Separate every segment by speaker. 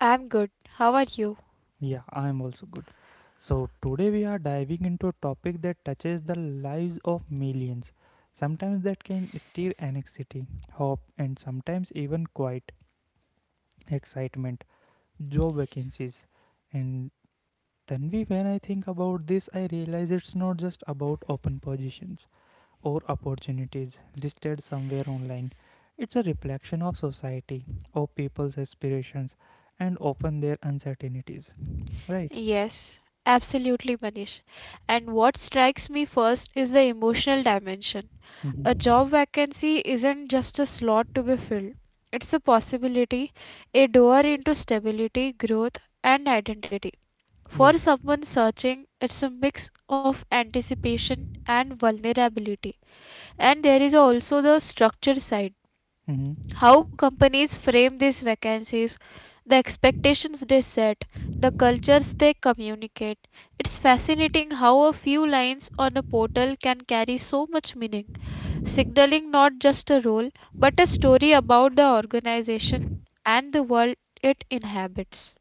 Speaker 1: I'm good. How are you? Yes, absolutely, Manish. And what strikes me first is the emotional dimension. A job vacancy isn't just a slot to be filled, it's a possibility, a door into stability, growth, and identity. For someone searching, it's a mix of anticipation and vulnerability. And there is also the structure side. How companies frame these vacancies, the expectations they set, the cultures they communicate. It's fascinating how a few lines on a portal can carry so much meaning, signaling not just a role, but a story about the organization and the world it inhabits.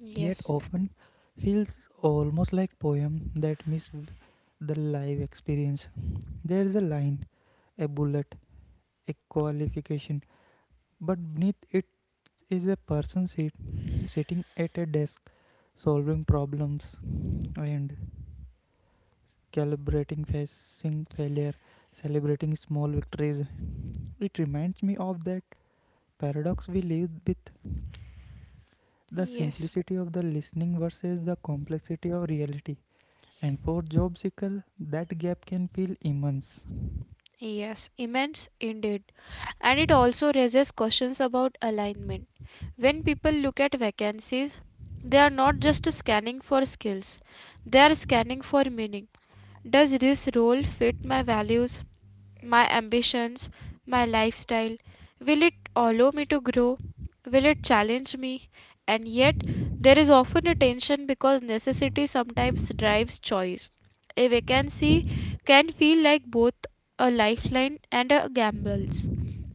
Speaker 1: Yes, yes, yes, immense indeed. And it also raises questions about alignment. When people look at vacancies, they are not just scanning for skills, they are scanning for meaning. Does this role fit my values, my ambitions, my lifestyle? Will it allow me to grow? Will it challenge me? And yet, there is often a tension because necessity sometimes drives choice. A vacancy can feel like both a lifeline and a gamble.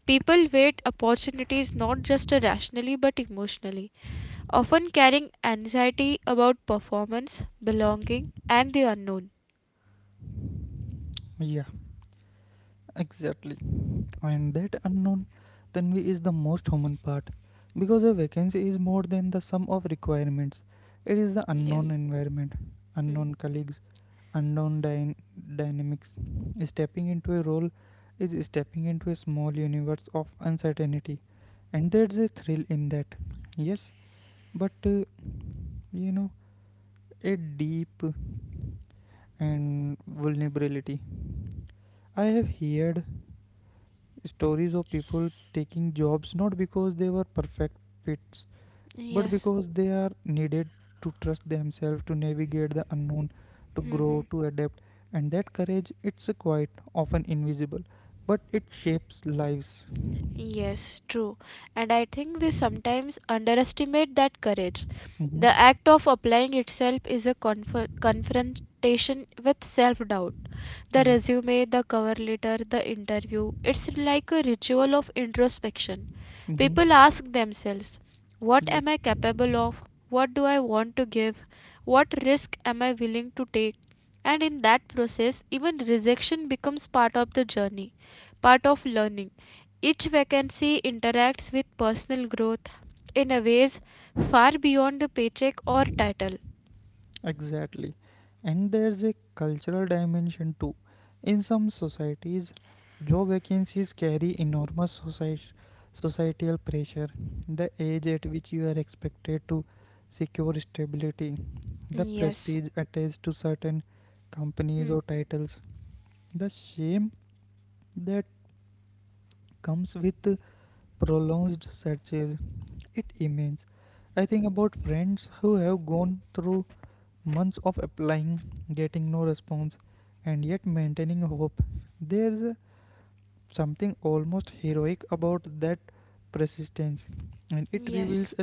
Speaker 1: People wait opportunities not just rationally but emotionally, often carrying anxiety about performance, belonging, and the unknown. Hmm. Yes, yes, true. And I think we sometimes underestimate that courage. The act of applying itself is a confrontation with self doubt. The resume, the cover letter, the interview. It's like a ritual of introspection. People ask themselves, what am I capable of? What do I want to give? What risk am I willing to take? And in that process, even rejection becomes part of the journey, part of learning. Each vacancy interacts with personal growth in a ways far beyond the paycheck or title. Yes. Hmm. Yes.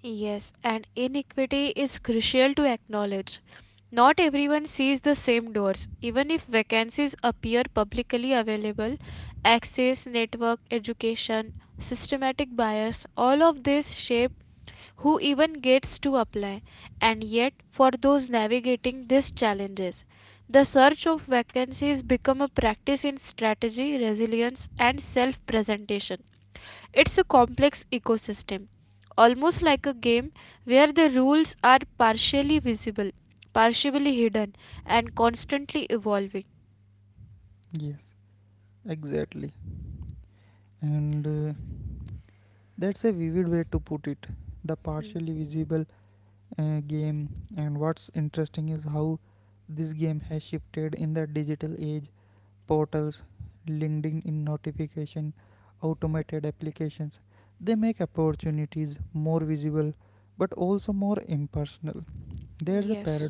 Speaker 1: Yes, and inequity is crucial to acknowledge. Not everyone sees the same doors. Even if vacancies appear publicly available, access, network, education, systematic bias, all of this shape who even gets to apply. And yet, for those navigating these challenges, the search of vacancies become a practice in strategy, resilience, and self-presentation. It's a complex ecosystem, almost like a game where the rules are partially visible, partially hidden, and constantly evolving. Hmm. Yes.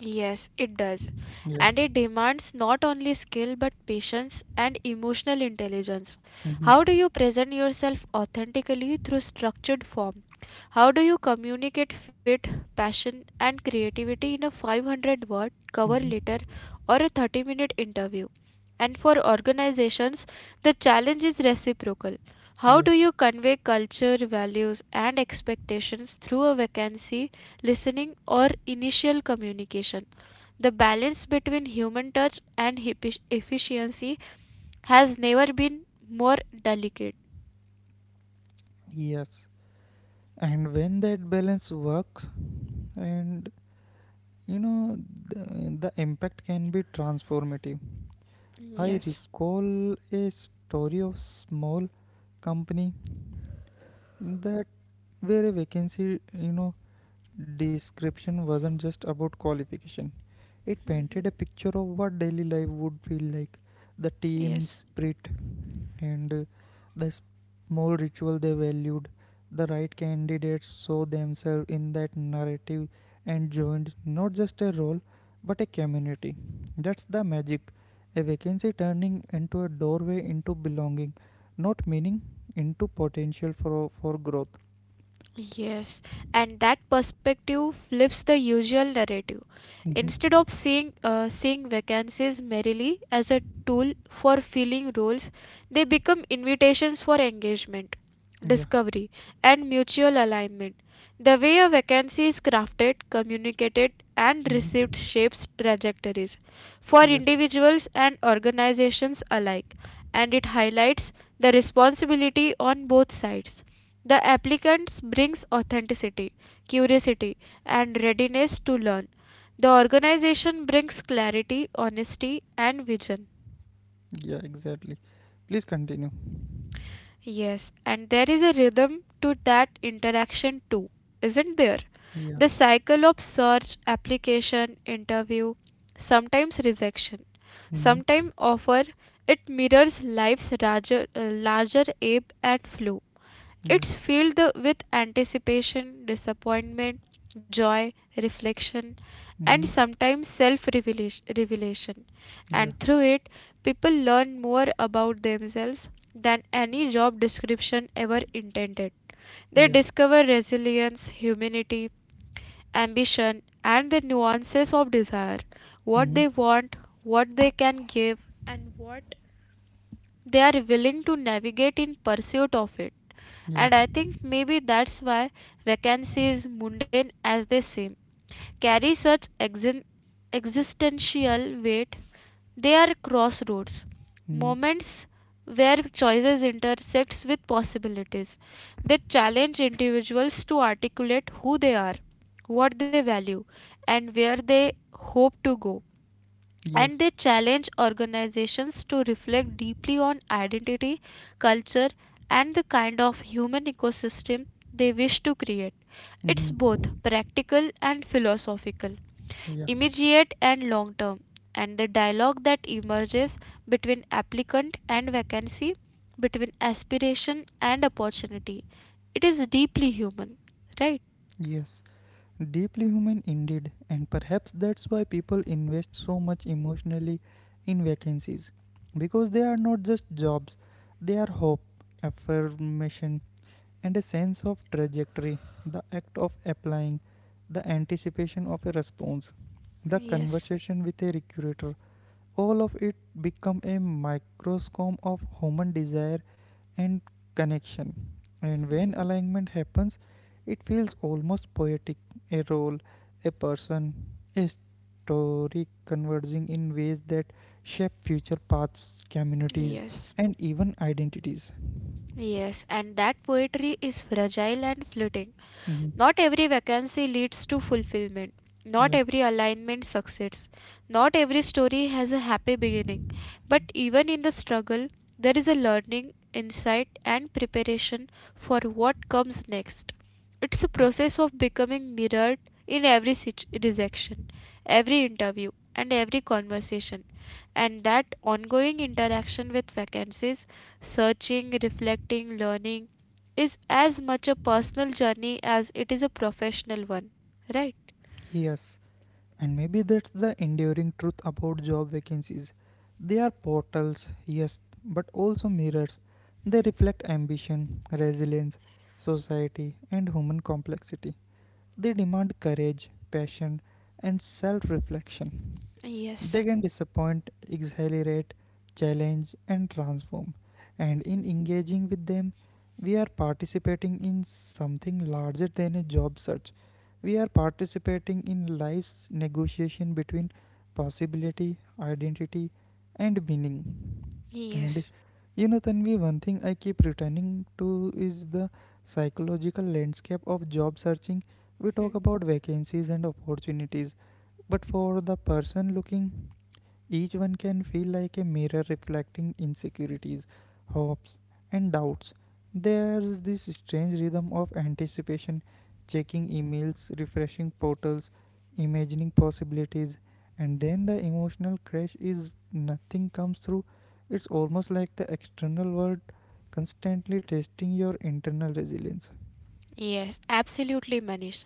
Speaker 1: Yes, it does. And it demands not only skill but patience and emotional intelligence. How do you present yourself authentically through structured form? How do you communicate fit, passion, and creativity in a 500 word cover letter or a 30-minute interview? And for organizations, the challenge is reciprocal. How do you convey culture, values, and expectations through a vacancy listening, or initial communication. The balance between human touch and efficiency has never been more delicate. Yes. Yes, and that perspective flips the usual narrative. Instead of seeing vacancies merely as a tool for filling roles, they become invitations for engagement, discovery, and mutual alignment. The way a vacancy is crafted, communicated, and received shapes trajectories for individuals and organizations alike, and it highlights the responsibility on both sides the applicant brings authenticity, curiosity and readiness to learn. The organization brings clarity, honesty and vision. Yes, and there is a rhythm to that interaction too, isn't there? The cycle of search, application, interview, sometimes rejection, sometimes offer, it mirrors life's larger ebb and flow. It's with anticipation, disappointment, joy, reflection, and sometimes self revelation. And through it, people learn more about themselves than any job description ever intended. They discover resilience, humanity, ambition, and the nuances of desire what they want, what they can give, and what they are willing to navigate in pursuit of it and I think maybe that's why vacancies, mundane as they seem, carry such existential weight. They are crossroads, moments where choices intersects with possibilities. They challenge individuals to articulate who they are, what they value, and where they hope to go and they challenge organizations to reflect deeply on identity, culture, and the kind of human ecosystem they wish to create. It's both practical and philosophical, immediate and long term, and the dialogue that emerges between applicant and vacancy, between aspiration and opportunity. It is deeply human, right? Yes. Hmm. Yes. Yes, and that poetry is fragile and fleeting. Not every vacancy leads to fulfillment. Not every alignment succeeds. Not every story has a happy beginning. But even in the struggle, there is a learning, insight, and preparation for what comes next. It's a process of becoming mirrored in every rejection, every interview, and every conversation. And that ongoing interaction with vacancies, searching, reflecting, learning, is as much a personal journey as it is a professional one, right? Hmm. Yes. Yes. Hmm. Yes, absolutely, Manish.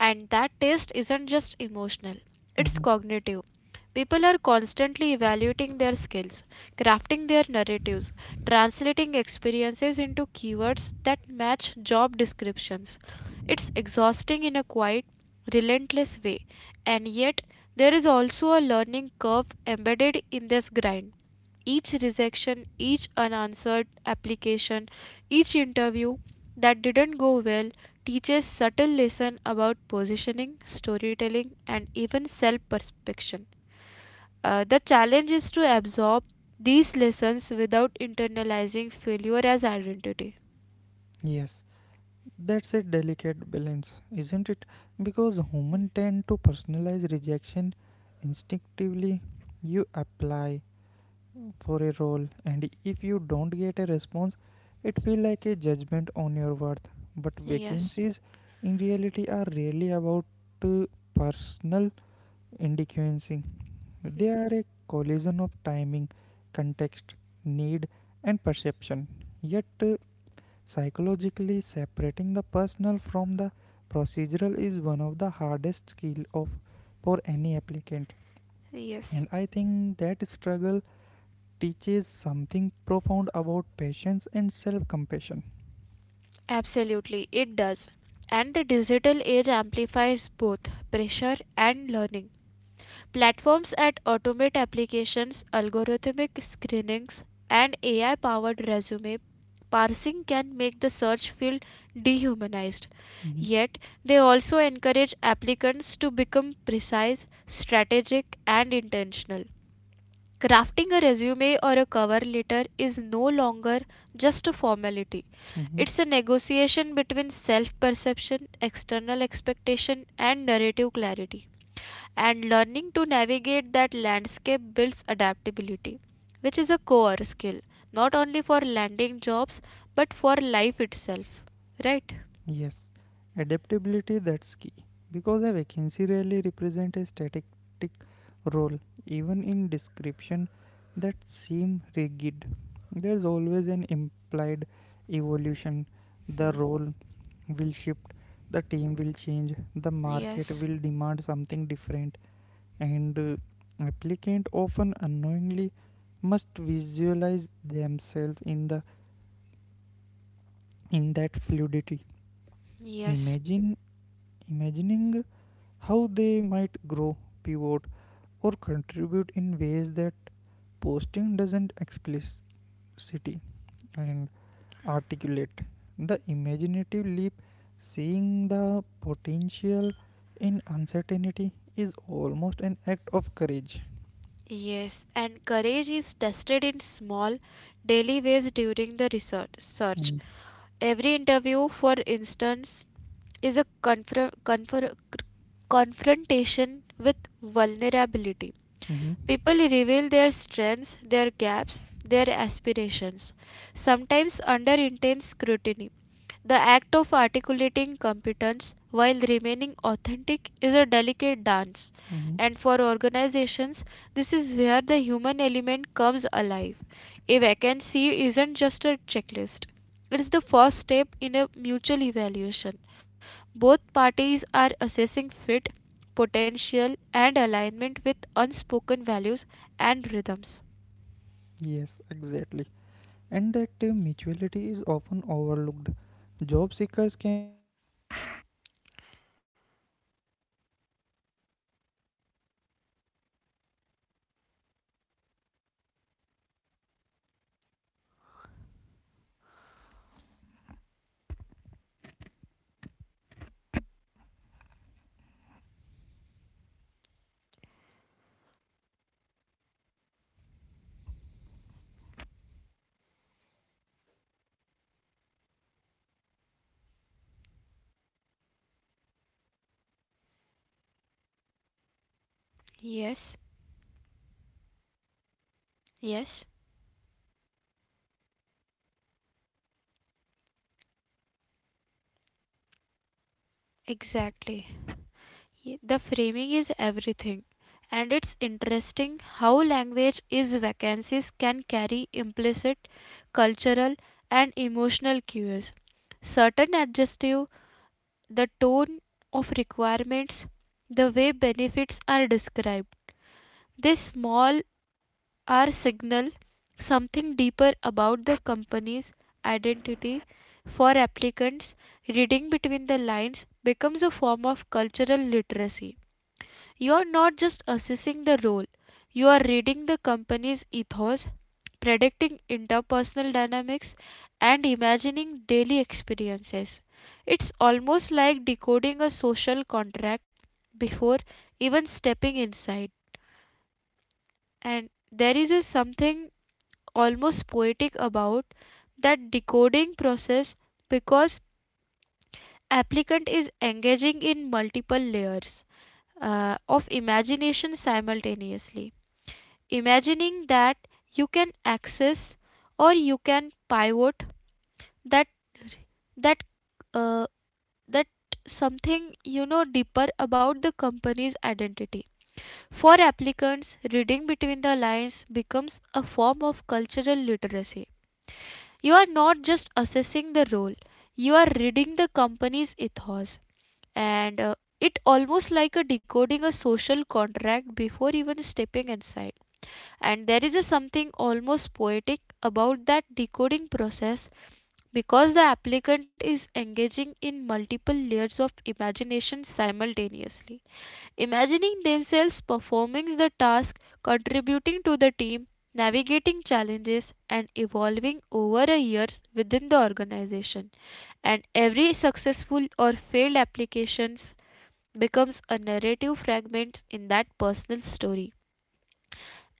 Speaker 1: And that taste isn't just emotional, it's cognitive. People are constantly evaluating their skills, crafting their narratives, translating experiences into keywords that match job descriptions. It's exhausting in a quiet, relentless way, and yet there is also a learning curve embedded in this grind each rejection, each unanswered application, each interview that didn't go well teaches subtle lesson about positioning, storytelling, and even self-perception. The challenge is to absorb these lessons without internalizing failure as identity. Yes. Hmm. Yes, absolutely, it does. And the digital age amplifies both pressure and learning. Platforms that automate applications, algorithmic screenings, and AI powered resume parsing can make the search feel dehumanized. Yet, they also encourage applicants to become precise, strategic, and intentional. Crafting a resume or a cover letter is no longer just a formality. It's a negotiation between self perception, external expectation, and narrative clarity and learning to navigate that landscape builds adaptability, which is a core skill not only for landing jobs but for life itself, right? Hmm. Yes, and courage is tested in small, daily ways during the research search. Every interview, for instance, is a confrontation with vulnerability. People reveal their strengths, their gaps, their aspirations, sometimes under intense scrutiny. The act of articulating competence while remaining authentic is a delicate dance, and for organizations, this is where the human element comes alive. A vacancy isn't just a checklist, it is the first step in a mutual evaluation. Both parties are assessing fit, potential, and alignment with unspoken values and rhythms. Yes, exactly. The framing is everything. And it's interesting how language is vacancies can carry implicit cultural and emotional cues. Certain adjective, the tone of requirements, the way benefits are described. These small are signal something deeper about the company's identity for applicants reading between the lines becomes a form of cultural literacy you are not just assessing the role you are reading the company's ethos predicting interpersonal dynamics and imagining daily experiences it's almost like decoding a social contract before even stepping inside and there is a something almost poetic about that decoding process because applicant is engaging in multiple layers of imagination simultaneously imagining that you can access or you can pivot that that uh, that something you know deeper about the company's identity for applicants reading between the lines becomes a form of cultural literacy. You are not just assessing the role, you are reading the company's ethos. And it almost like a decoding a social contract before even stepping inside. And there is a something almost poetic about that decoding process because the applicant is engaging in multiple layers of imagination simultaneously imagining themselves performing the task, contributing to the team, navigating challenges, and evolving over a years within the organization. And every successful or failed application becomes a narrative fragment in that personal story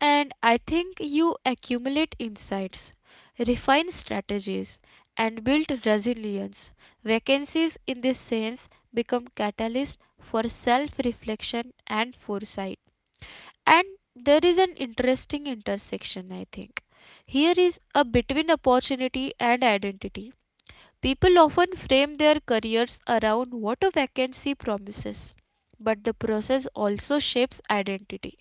Speaker 1: and I think you accumulate insights, refine strategies, and build resilience. Vacancies, in this sense, become catalysts for self reflection and foresight. And there is an interesting intersection, I think. Here is a between opportunity and identity. People often frame their careers around what a vacancy promises, but the process also shapes identity.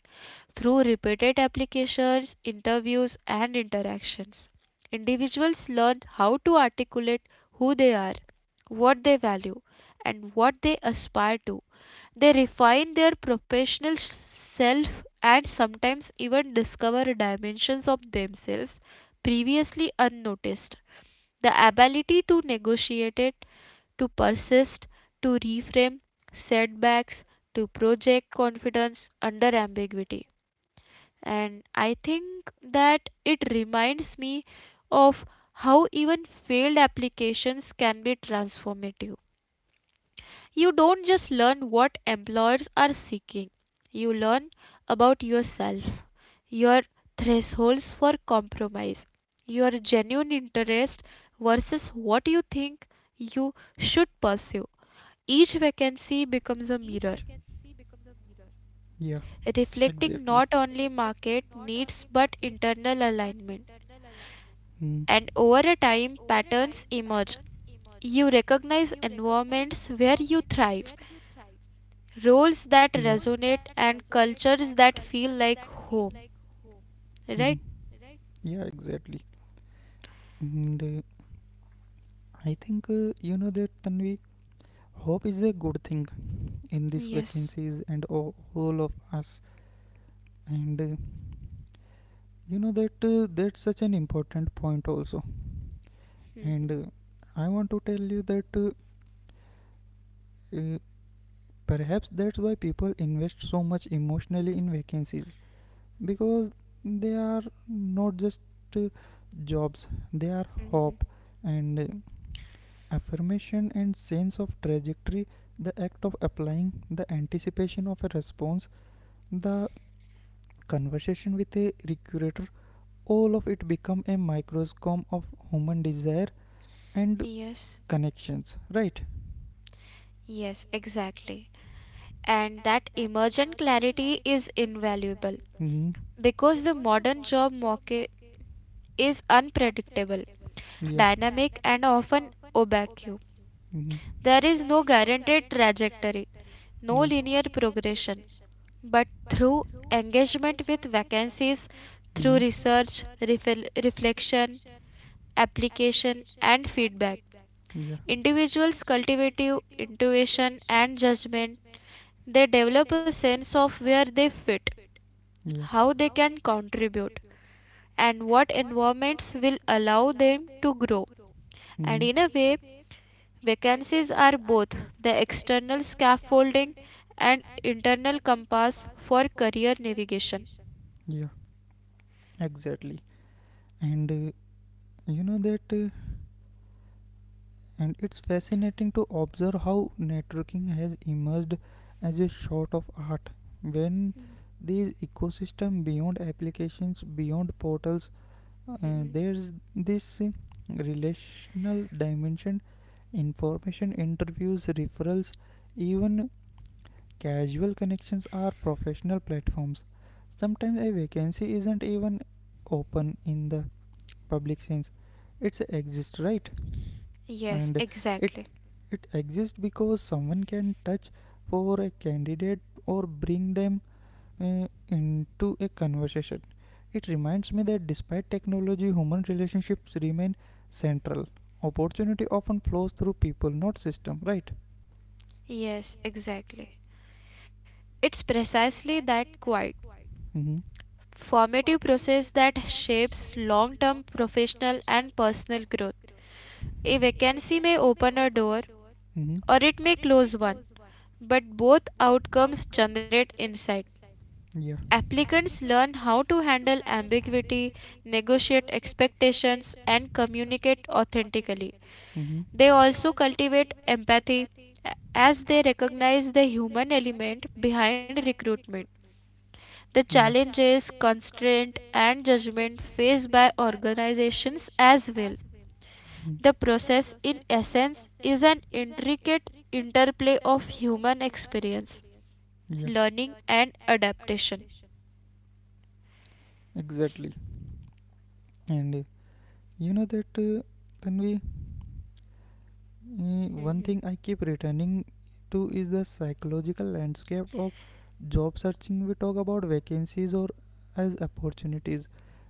Speaker 1: Through repeated applications, interviews, and interactions, individuals learn how to articulate who they are, what they value, and what they aspire to. They refine their professional self and sometimes even discover dimensions of themselves previously unnoticed. The ability to negotiate it, to persist, to reframe setbacks, to project confidence under ambiguity and I think that it reminds me of how even failed applications can be transformative. You don't just learn what employers are seeking, you learn about yourself, your thresholds for compromise, your genuine interest
Speaker 2: Mhm.
Speaker 1: versus what you think you should pursue. Each vacancy becomes a mirror,
Speaker 2: Yeah, exactly.
Speaker 1: reflecting not only market needs but internal alignment.
Speaker 2: Mm,
Speaker 1: And over a time patterns emerge. You recognize environments where you thrive, roles
Speaker 2: yeah.
Speaker 1: that resonate and cultures that feel like home,
Speaker 2: hmm
Speaker 1: right?
Speaker 2: Yeah, exactly. And I think you know that Tanvi, hope is a good thing in these vacancies and all of us. And You know that that's such an important point also. And
Speaker 1: Mhm,
Speaker 2: I want to tell you that uh, perhaps that's why people invest so much emotionally in vacancies because they are not just uh, jobs, they are
Speaker 1: mhm.
Speaker 2: hope and affirmation and sense of trajectory, the act of applying, the anticipation of a response, the conversation with a recruiter, all of it become a microscope of human desire and
Speaker 1: Yes.
Speaker 2: connections, right?
Speaker 1: Yes, exactly. And that emergent clarity is invaluable
Speaker 2: Mm-hmm.
Speaker 1: because the modern job market is unpredictable,
Speaker 2: Yeah.
Speaker 1: dynamic, and often opaque.
Speaker 2: Mm-hmm.
Speaker 1: There is no guaranteed trajectory, no
Speaker 2: Yeah.
Speaker 1: linear progression, but through engagement with vacancies, through
Speaker 2: Mm-hmm.
Speaker 1: reflection, application, and feedback.
Speaker 2: Yeah.
Speaker 1: Individuals cultivate intuition and judgment. They develop a sense of where they fit,
Speaker 2: Yeah.
Speaker 1: how they can contribute, and what environments will allow them to grow. And
Speaker 2: hmm
Speaker 1: in a way, vacancies are both the external scaffolding and internal compass for career navigation.
Speaker 2: yeah, exactly. and you know that and it's fascinating to observe how networking has emerged as a sort of art when these ecosystem beyond applications beyond portals. uh,
Speaker 1: Mhm.
Speaker 2: there's this uh, relational dimension, information interviews, referrals, even casual connections are professional platforms. Sometimes a vacancy isn't even open in the public sense. It exists, right? And
Speaker 1: Yes,
Speaker 2: it
Speaker 1: exactly.
Speaker 2: it exists because someone can touch for a candidate or bring them into a conversation. It reminds me that despite technology, human relationships remain central. Opportunity often flows through people, not system, right?
Speaker 1: Yes, exactly. It's precisely that quite
Speaker 2: Mm-hmm.
Speaker 1: formative process that shapes long term professional and personal growth. A vacancy may open a door
Speaker 2: Mm-hmm.
Speaker 1: or it may close one, but both outcomes generate insight.
Speaker 2: Yeah.
Speaker 1: Applicants learn how to handle ambiguity, negotiate expectations, and communicate authentically. They
Speaker 2: Mm-hmm.
Speaker 1: also cultivate empathy as they recognize the human element behind recruitment. The
Speaker 2: The
Speaker 1: challenges,
Speaker 2: Yeah.
Speaker 1: constraint, and judgment faced by organizations as well.
Speaker 2: Mhm.
Speaker 1: The process, in essence, is an intricate interplay of human experience,
Speaker 2: Yeah,
Speaker 1: learning, and adaptation.
Speaker 2: exactly. And you know that Tanvi, one thing
Speaker 1: Hmm.
Speaker 2: I keep returning to is the psychological landscape of job searching. We talk about vacancies or as opportunities,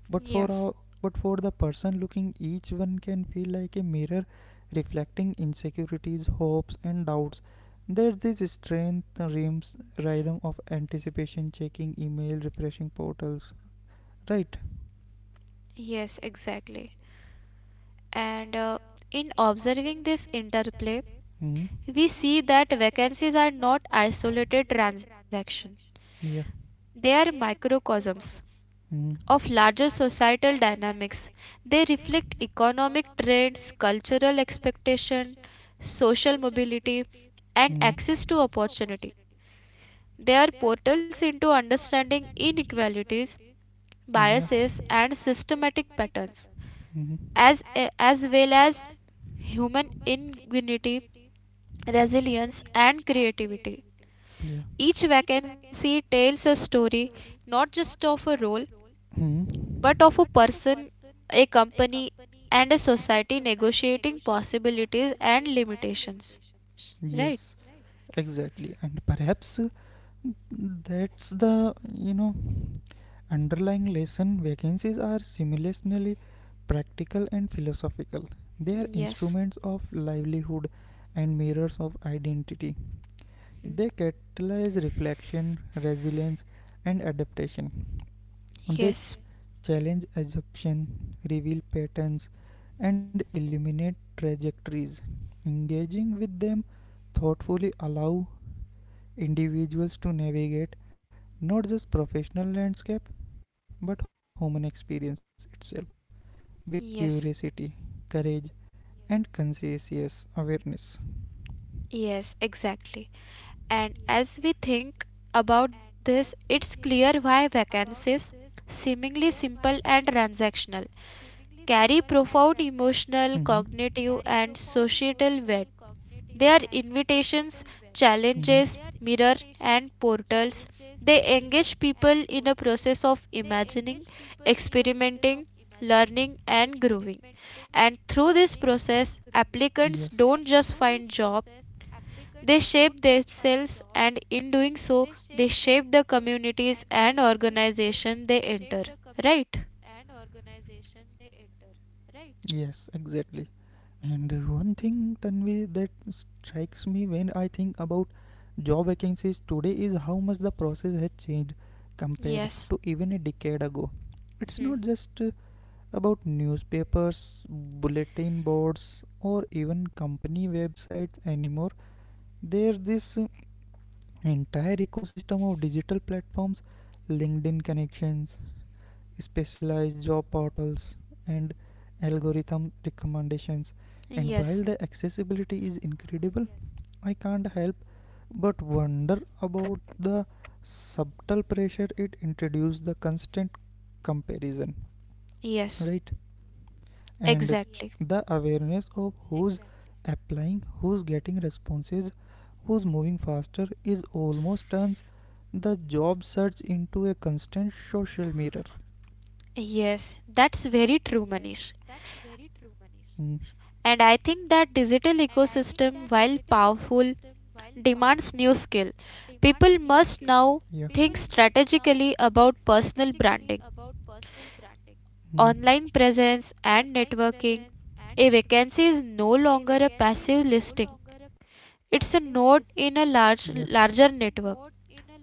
Speaker 2: but for our, but for the person looking, each one can feel like a mirror reflecting insecurities, hopes, and doubts. There's this strength rhymes rhythm of anticipation, checking email, refreshing portals. Right?
Speaker 1: Yes, exactly. And in observing this interplay,
Speaker 2: Hmm.
Speaker 1: we see that vacancies are not isolated transactions.
Speaker 2: Yeah.
Speaker 1: They are microcosms
Speaker 2: Hmm.
Speaker 1: of larger societal dynamics. They reflect economic trends, cultural expectation, social mobility, and
Speaker 2: Hmm.
Speaker 1: access to opportunity. They are portals into understanding inequalities,
Speaker 2: Mm, yeah.
Speaker 1: biases, and systematic patterns,
Speaker 2: hmm
Speaker 1: as, as well as human ingenuity, resilience, and creativity.
Speaker 2: Yeah.
Speaker 1: Each vacancy tells a story not just of a role but of a
Speaker 2: hmm
Speaker 1: person, a company, and a society negotiating possibilities and limitations. Right?
Speaker 2: Yes, exactly. And perhaps that's the, you know, underlying lesson: vacancies are simultaneously practical and philosophical. They are
Speaker 1: Yes.
Speaker 2: instruments of livelihood and mirrors of identity.
Speaker 1: Mhm.
Speaker 2: They catalyze reflection, resilience, and adaptation. They challenge assumption, reveal patterns, and eliminate trajectories. Engaging with them thoughtfully allow individuals to navigate not just professional landscape but human experience itself with curiosity, courage, Yes. and conscientious awareness.
Speaker 1: Yes, exactly. And as we think about this, it's clear why vacancies, seemingly simple and transactional, carry profound emotional,
Speaker 2: Mm-hmm.
Speaker 1: cognitive, and societal weight. Their invitations, challenges,
Speaker 2: Mm-hmm.
Speaker 1: mirror, and portals. They engage people in a process of imagining, experimenting, learning, and growing. And through this process, applicants
Speaker 2: Yes.
Speaker 1: don't just find job, they shape themselves and in doing so, they shape the communities and organization they enter. Right?
Speaker 2: Yes, exactly. And one thing, Tanvi, that strikes me when I think about job vacancies today is how much the process has changed compared to even a decade ago. It's not
Speaker 1: Mhm.
Speaker 2: just about newspapers, bulletin boards, or even company websites anymore. There's this entire ecosystem of digital platforms, LinkedIn connections, specialized job portals, and algorithm recommendations. And while the accessibility is incredible, I can't help but wonder about the subtle pressure it introduces, the constant comparison,
Speaker 1: Yes,
Speaker 2: right? And
Speaker 1: exactly.
Speaker 2: the awareness of who's applying, who's getting responses, who's moving faster is almost turns the job search into a constant social mirror.
Speaker 1: Yes, that's very true, Manish.
Speaker 2: Mm,
Speaker 1: And I think that digital ecosystem, while powerful, demands new skill. People must now think
Speaker 2: yeah.
Speaker 1: strategically about personal branding, online
Speaker 2: Mm-hmm.
Speaker 1: presence, and networking. A vacancy is no longer a passive listing. It's a node in a
Speaker 2: Yeah.
Speaker 1: larger network.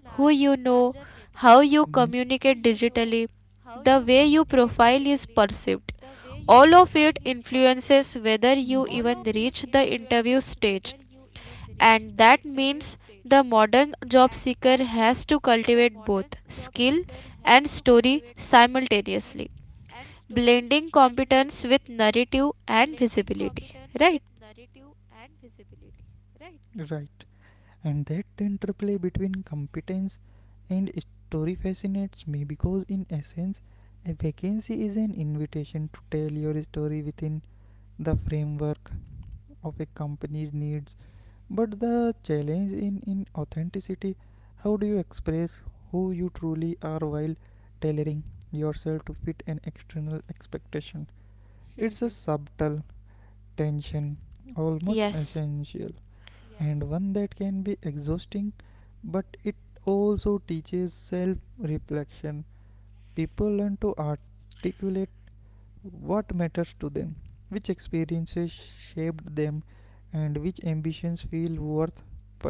Speaker 1: Who you know, how
Speaker 2: Mm-hmm.
Speaker 1: you communicate digitally, the way you profile is perceived. All of it influences whether you
Speaker 2: Yeah.
Speaker 1: even reach the interview stage. And that
Speaker 2: the
Speaker 1: means the modern job seeker has to cultivate both skill and story simultaneously, blending competence with narrative and visibility, right?
Speaker 2: Right. And that interplay between competence and story fascinates me because, in essence, a vacancy is an invitation to tell your story within the framework of a company's needs. But the challenge in authenticity, how do you express who you truly are while tailoring yourself to fit an external expectation? It's a
Speaker 1: Mhm.
Speaker 2: subtle tension, almost
Speaker 1: Yes,
Speaker 2: essential, and one that can be exhausting, but it also teaches self reflection. People learn to articulate what matters to them, which experiences shaped them, and which ambitions feel worth pursuing.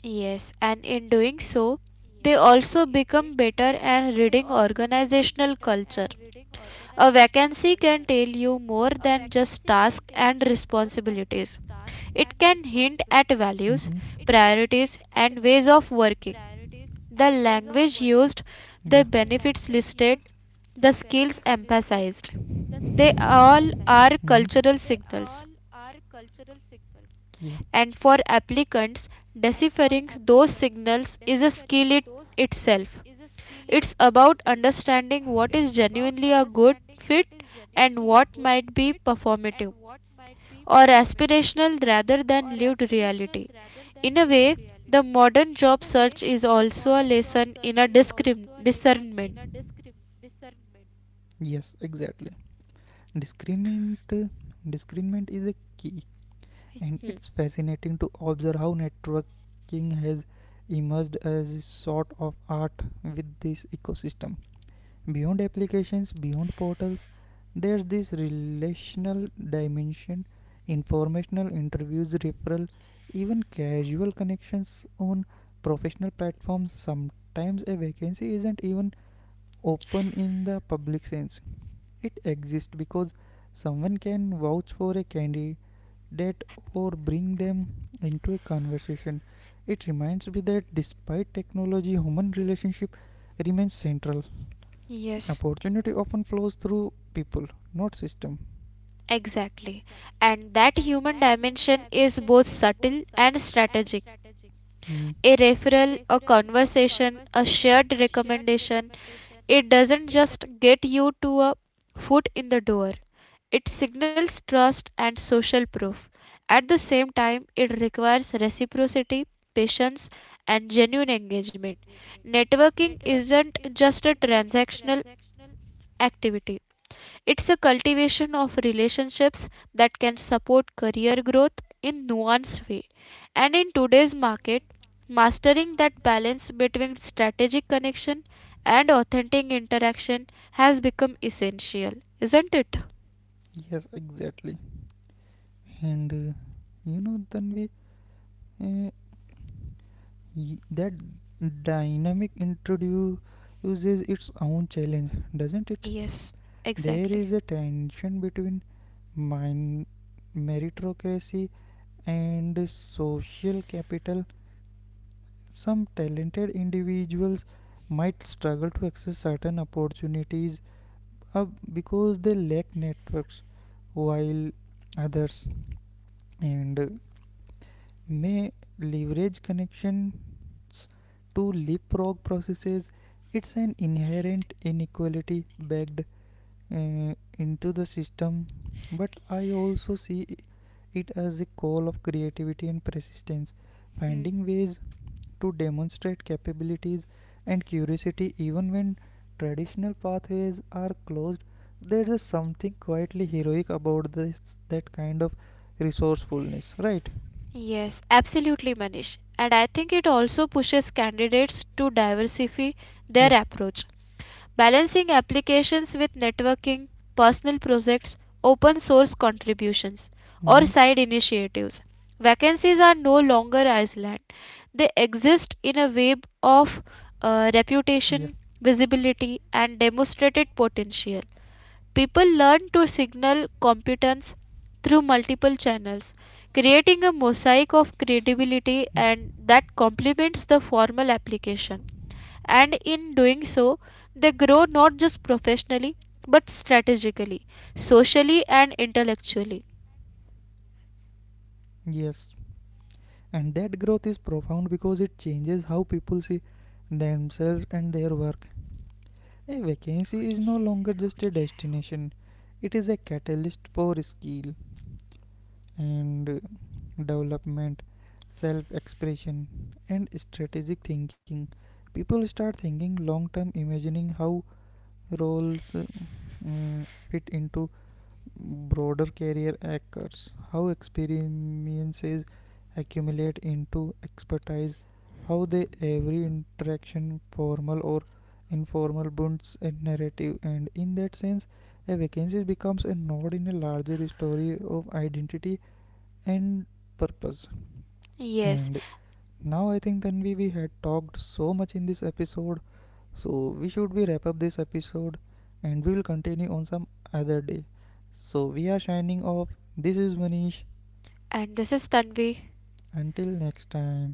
Speaker 1: yes, and in doing so, they also become better at reading organizational culture. A vacancy can tell you more than just tasks and responsibilities.
Speaker 2: hmm
Speaker 1: It can hint at values, priorities, and ways of working.
Speaker 2: Yeah.
Speaker 1: The language used, the benefits listed, the skills emphasized.
Speaker 2: hmm
Speaker 1: They all are cultural signals,
Speaker 2: Yeah.
Speaker 1: and for applicants, deciphering those signals is a skill it itself. It's about understanding what is genuinely a good fit and what might be performative or aspirational rather than lived reality. In a way, the modern job search is also a lesson in a discernment.
Speaker 2: Yes, exactly. Discriminant discriminant is a key, and it's
Speaker 1: Hmm.
Speaker 2: fascinating to observe how networking has emerged as a sort of art with this ecosystem, beyond applications, beyond portals. There's this relational dimension, informational interviews, referral, even casual connections on professional platforms. Sometimes a vacancy isn't even open in the public sense. It exists because someone can vouch for a candidate or bring them into a conversation. It reminds me that despite technology, human relationship remains central. Opportunity often flows through people, not system.
Speaker 1: Exactly. And that human dimension is both subtle and strategic. A
Speaker 2: Mm,
Speaker 1: referral, a conversation, a shared recommendation, it doesn't just get you to a foot in the door. It signals trust and social proof. At the same time, it requires reciprocity, patience, and genuine engagement. Networking isn't just a transactional activity, it's a cultivation of relationships that can support career growth in nuanced way. And in today's market, mastering that balance between strategic connection and authentic interaction has become essential, isn't it?
Speaker 2: yes, exactly. And you know, then we uh, that dynamic introduces its own challenge, doesn't it? There
Speaker 1: Exactly.
Speaker 2: is a tension between min- meritocracy and social capital. Some talented individuals might struggle to access certain opportunities uh, because they lack networks, while others and may leverage connections to leapfrog processes. It's an inherent inequality bagged into the system, but I also see it as a call of creativity and persistence,
Speaker 1: Hmm.
Speaker 2: finding ways to demonstrate capabilities and curiosity even when traditional pathways are closed. There is something quietly heroic about this, that kind of resourcefulness, right?
Speaker 1: Yes, absolutely, Manish. And I think it also pushes candidates to diversify their
Speaker 2: Yeah.
Speaker 1: approach, balancing applications with networking, personal projects, open source contributions, or
Speaker 2: Mm-hmm.
Speaker 1: side initiatives. Vacancies are no longer isolated; they exist in a web of
Speaker 2: Yeah.
Speaker 1: reputation, visibility, and demonstrated potential. People learn to signal competence through multiple channels, creating a mosaic of
Speaker 2: Mm.
Speaker 1: credibility and that complements the formal application, and in doing so, they grow not just professionally but strategically, socially, and intellectually.
Speaker 2: Yes. And that growth is profound because it changes how people see themselves and their work. A vacancy is no longer just a destination, it is a catalyst for skill, and development, self expression, and strategic thinking. People start thinking long term, imagining how roles fit into broader career acres, how experiences accumulate into expertise, how they every interaction, formal or informal, builds a narrative, and in that sense, a vacancy becomes a node in a larger story of identity and purpose.
Speaker 1: Yes,
Speaker 2: And now I think Tanvi, we had talked so much in this episode, so we should be wrap up this episode and we will continue on some other day. So we are signing off. This is Manish.
Speaker 1: and this is Tanvi.
Speaker 2: Until next time.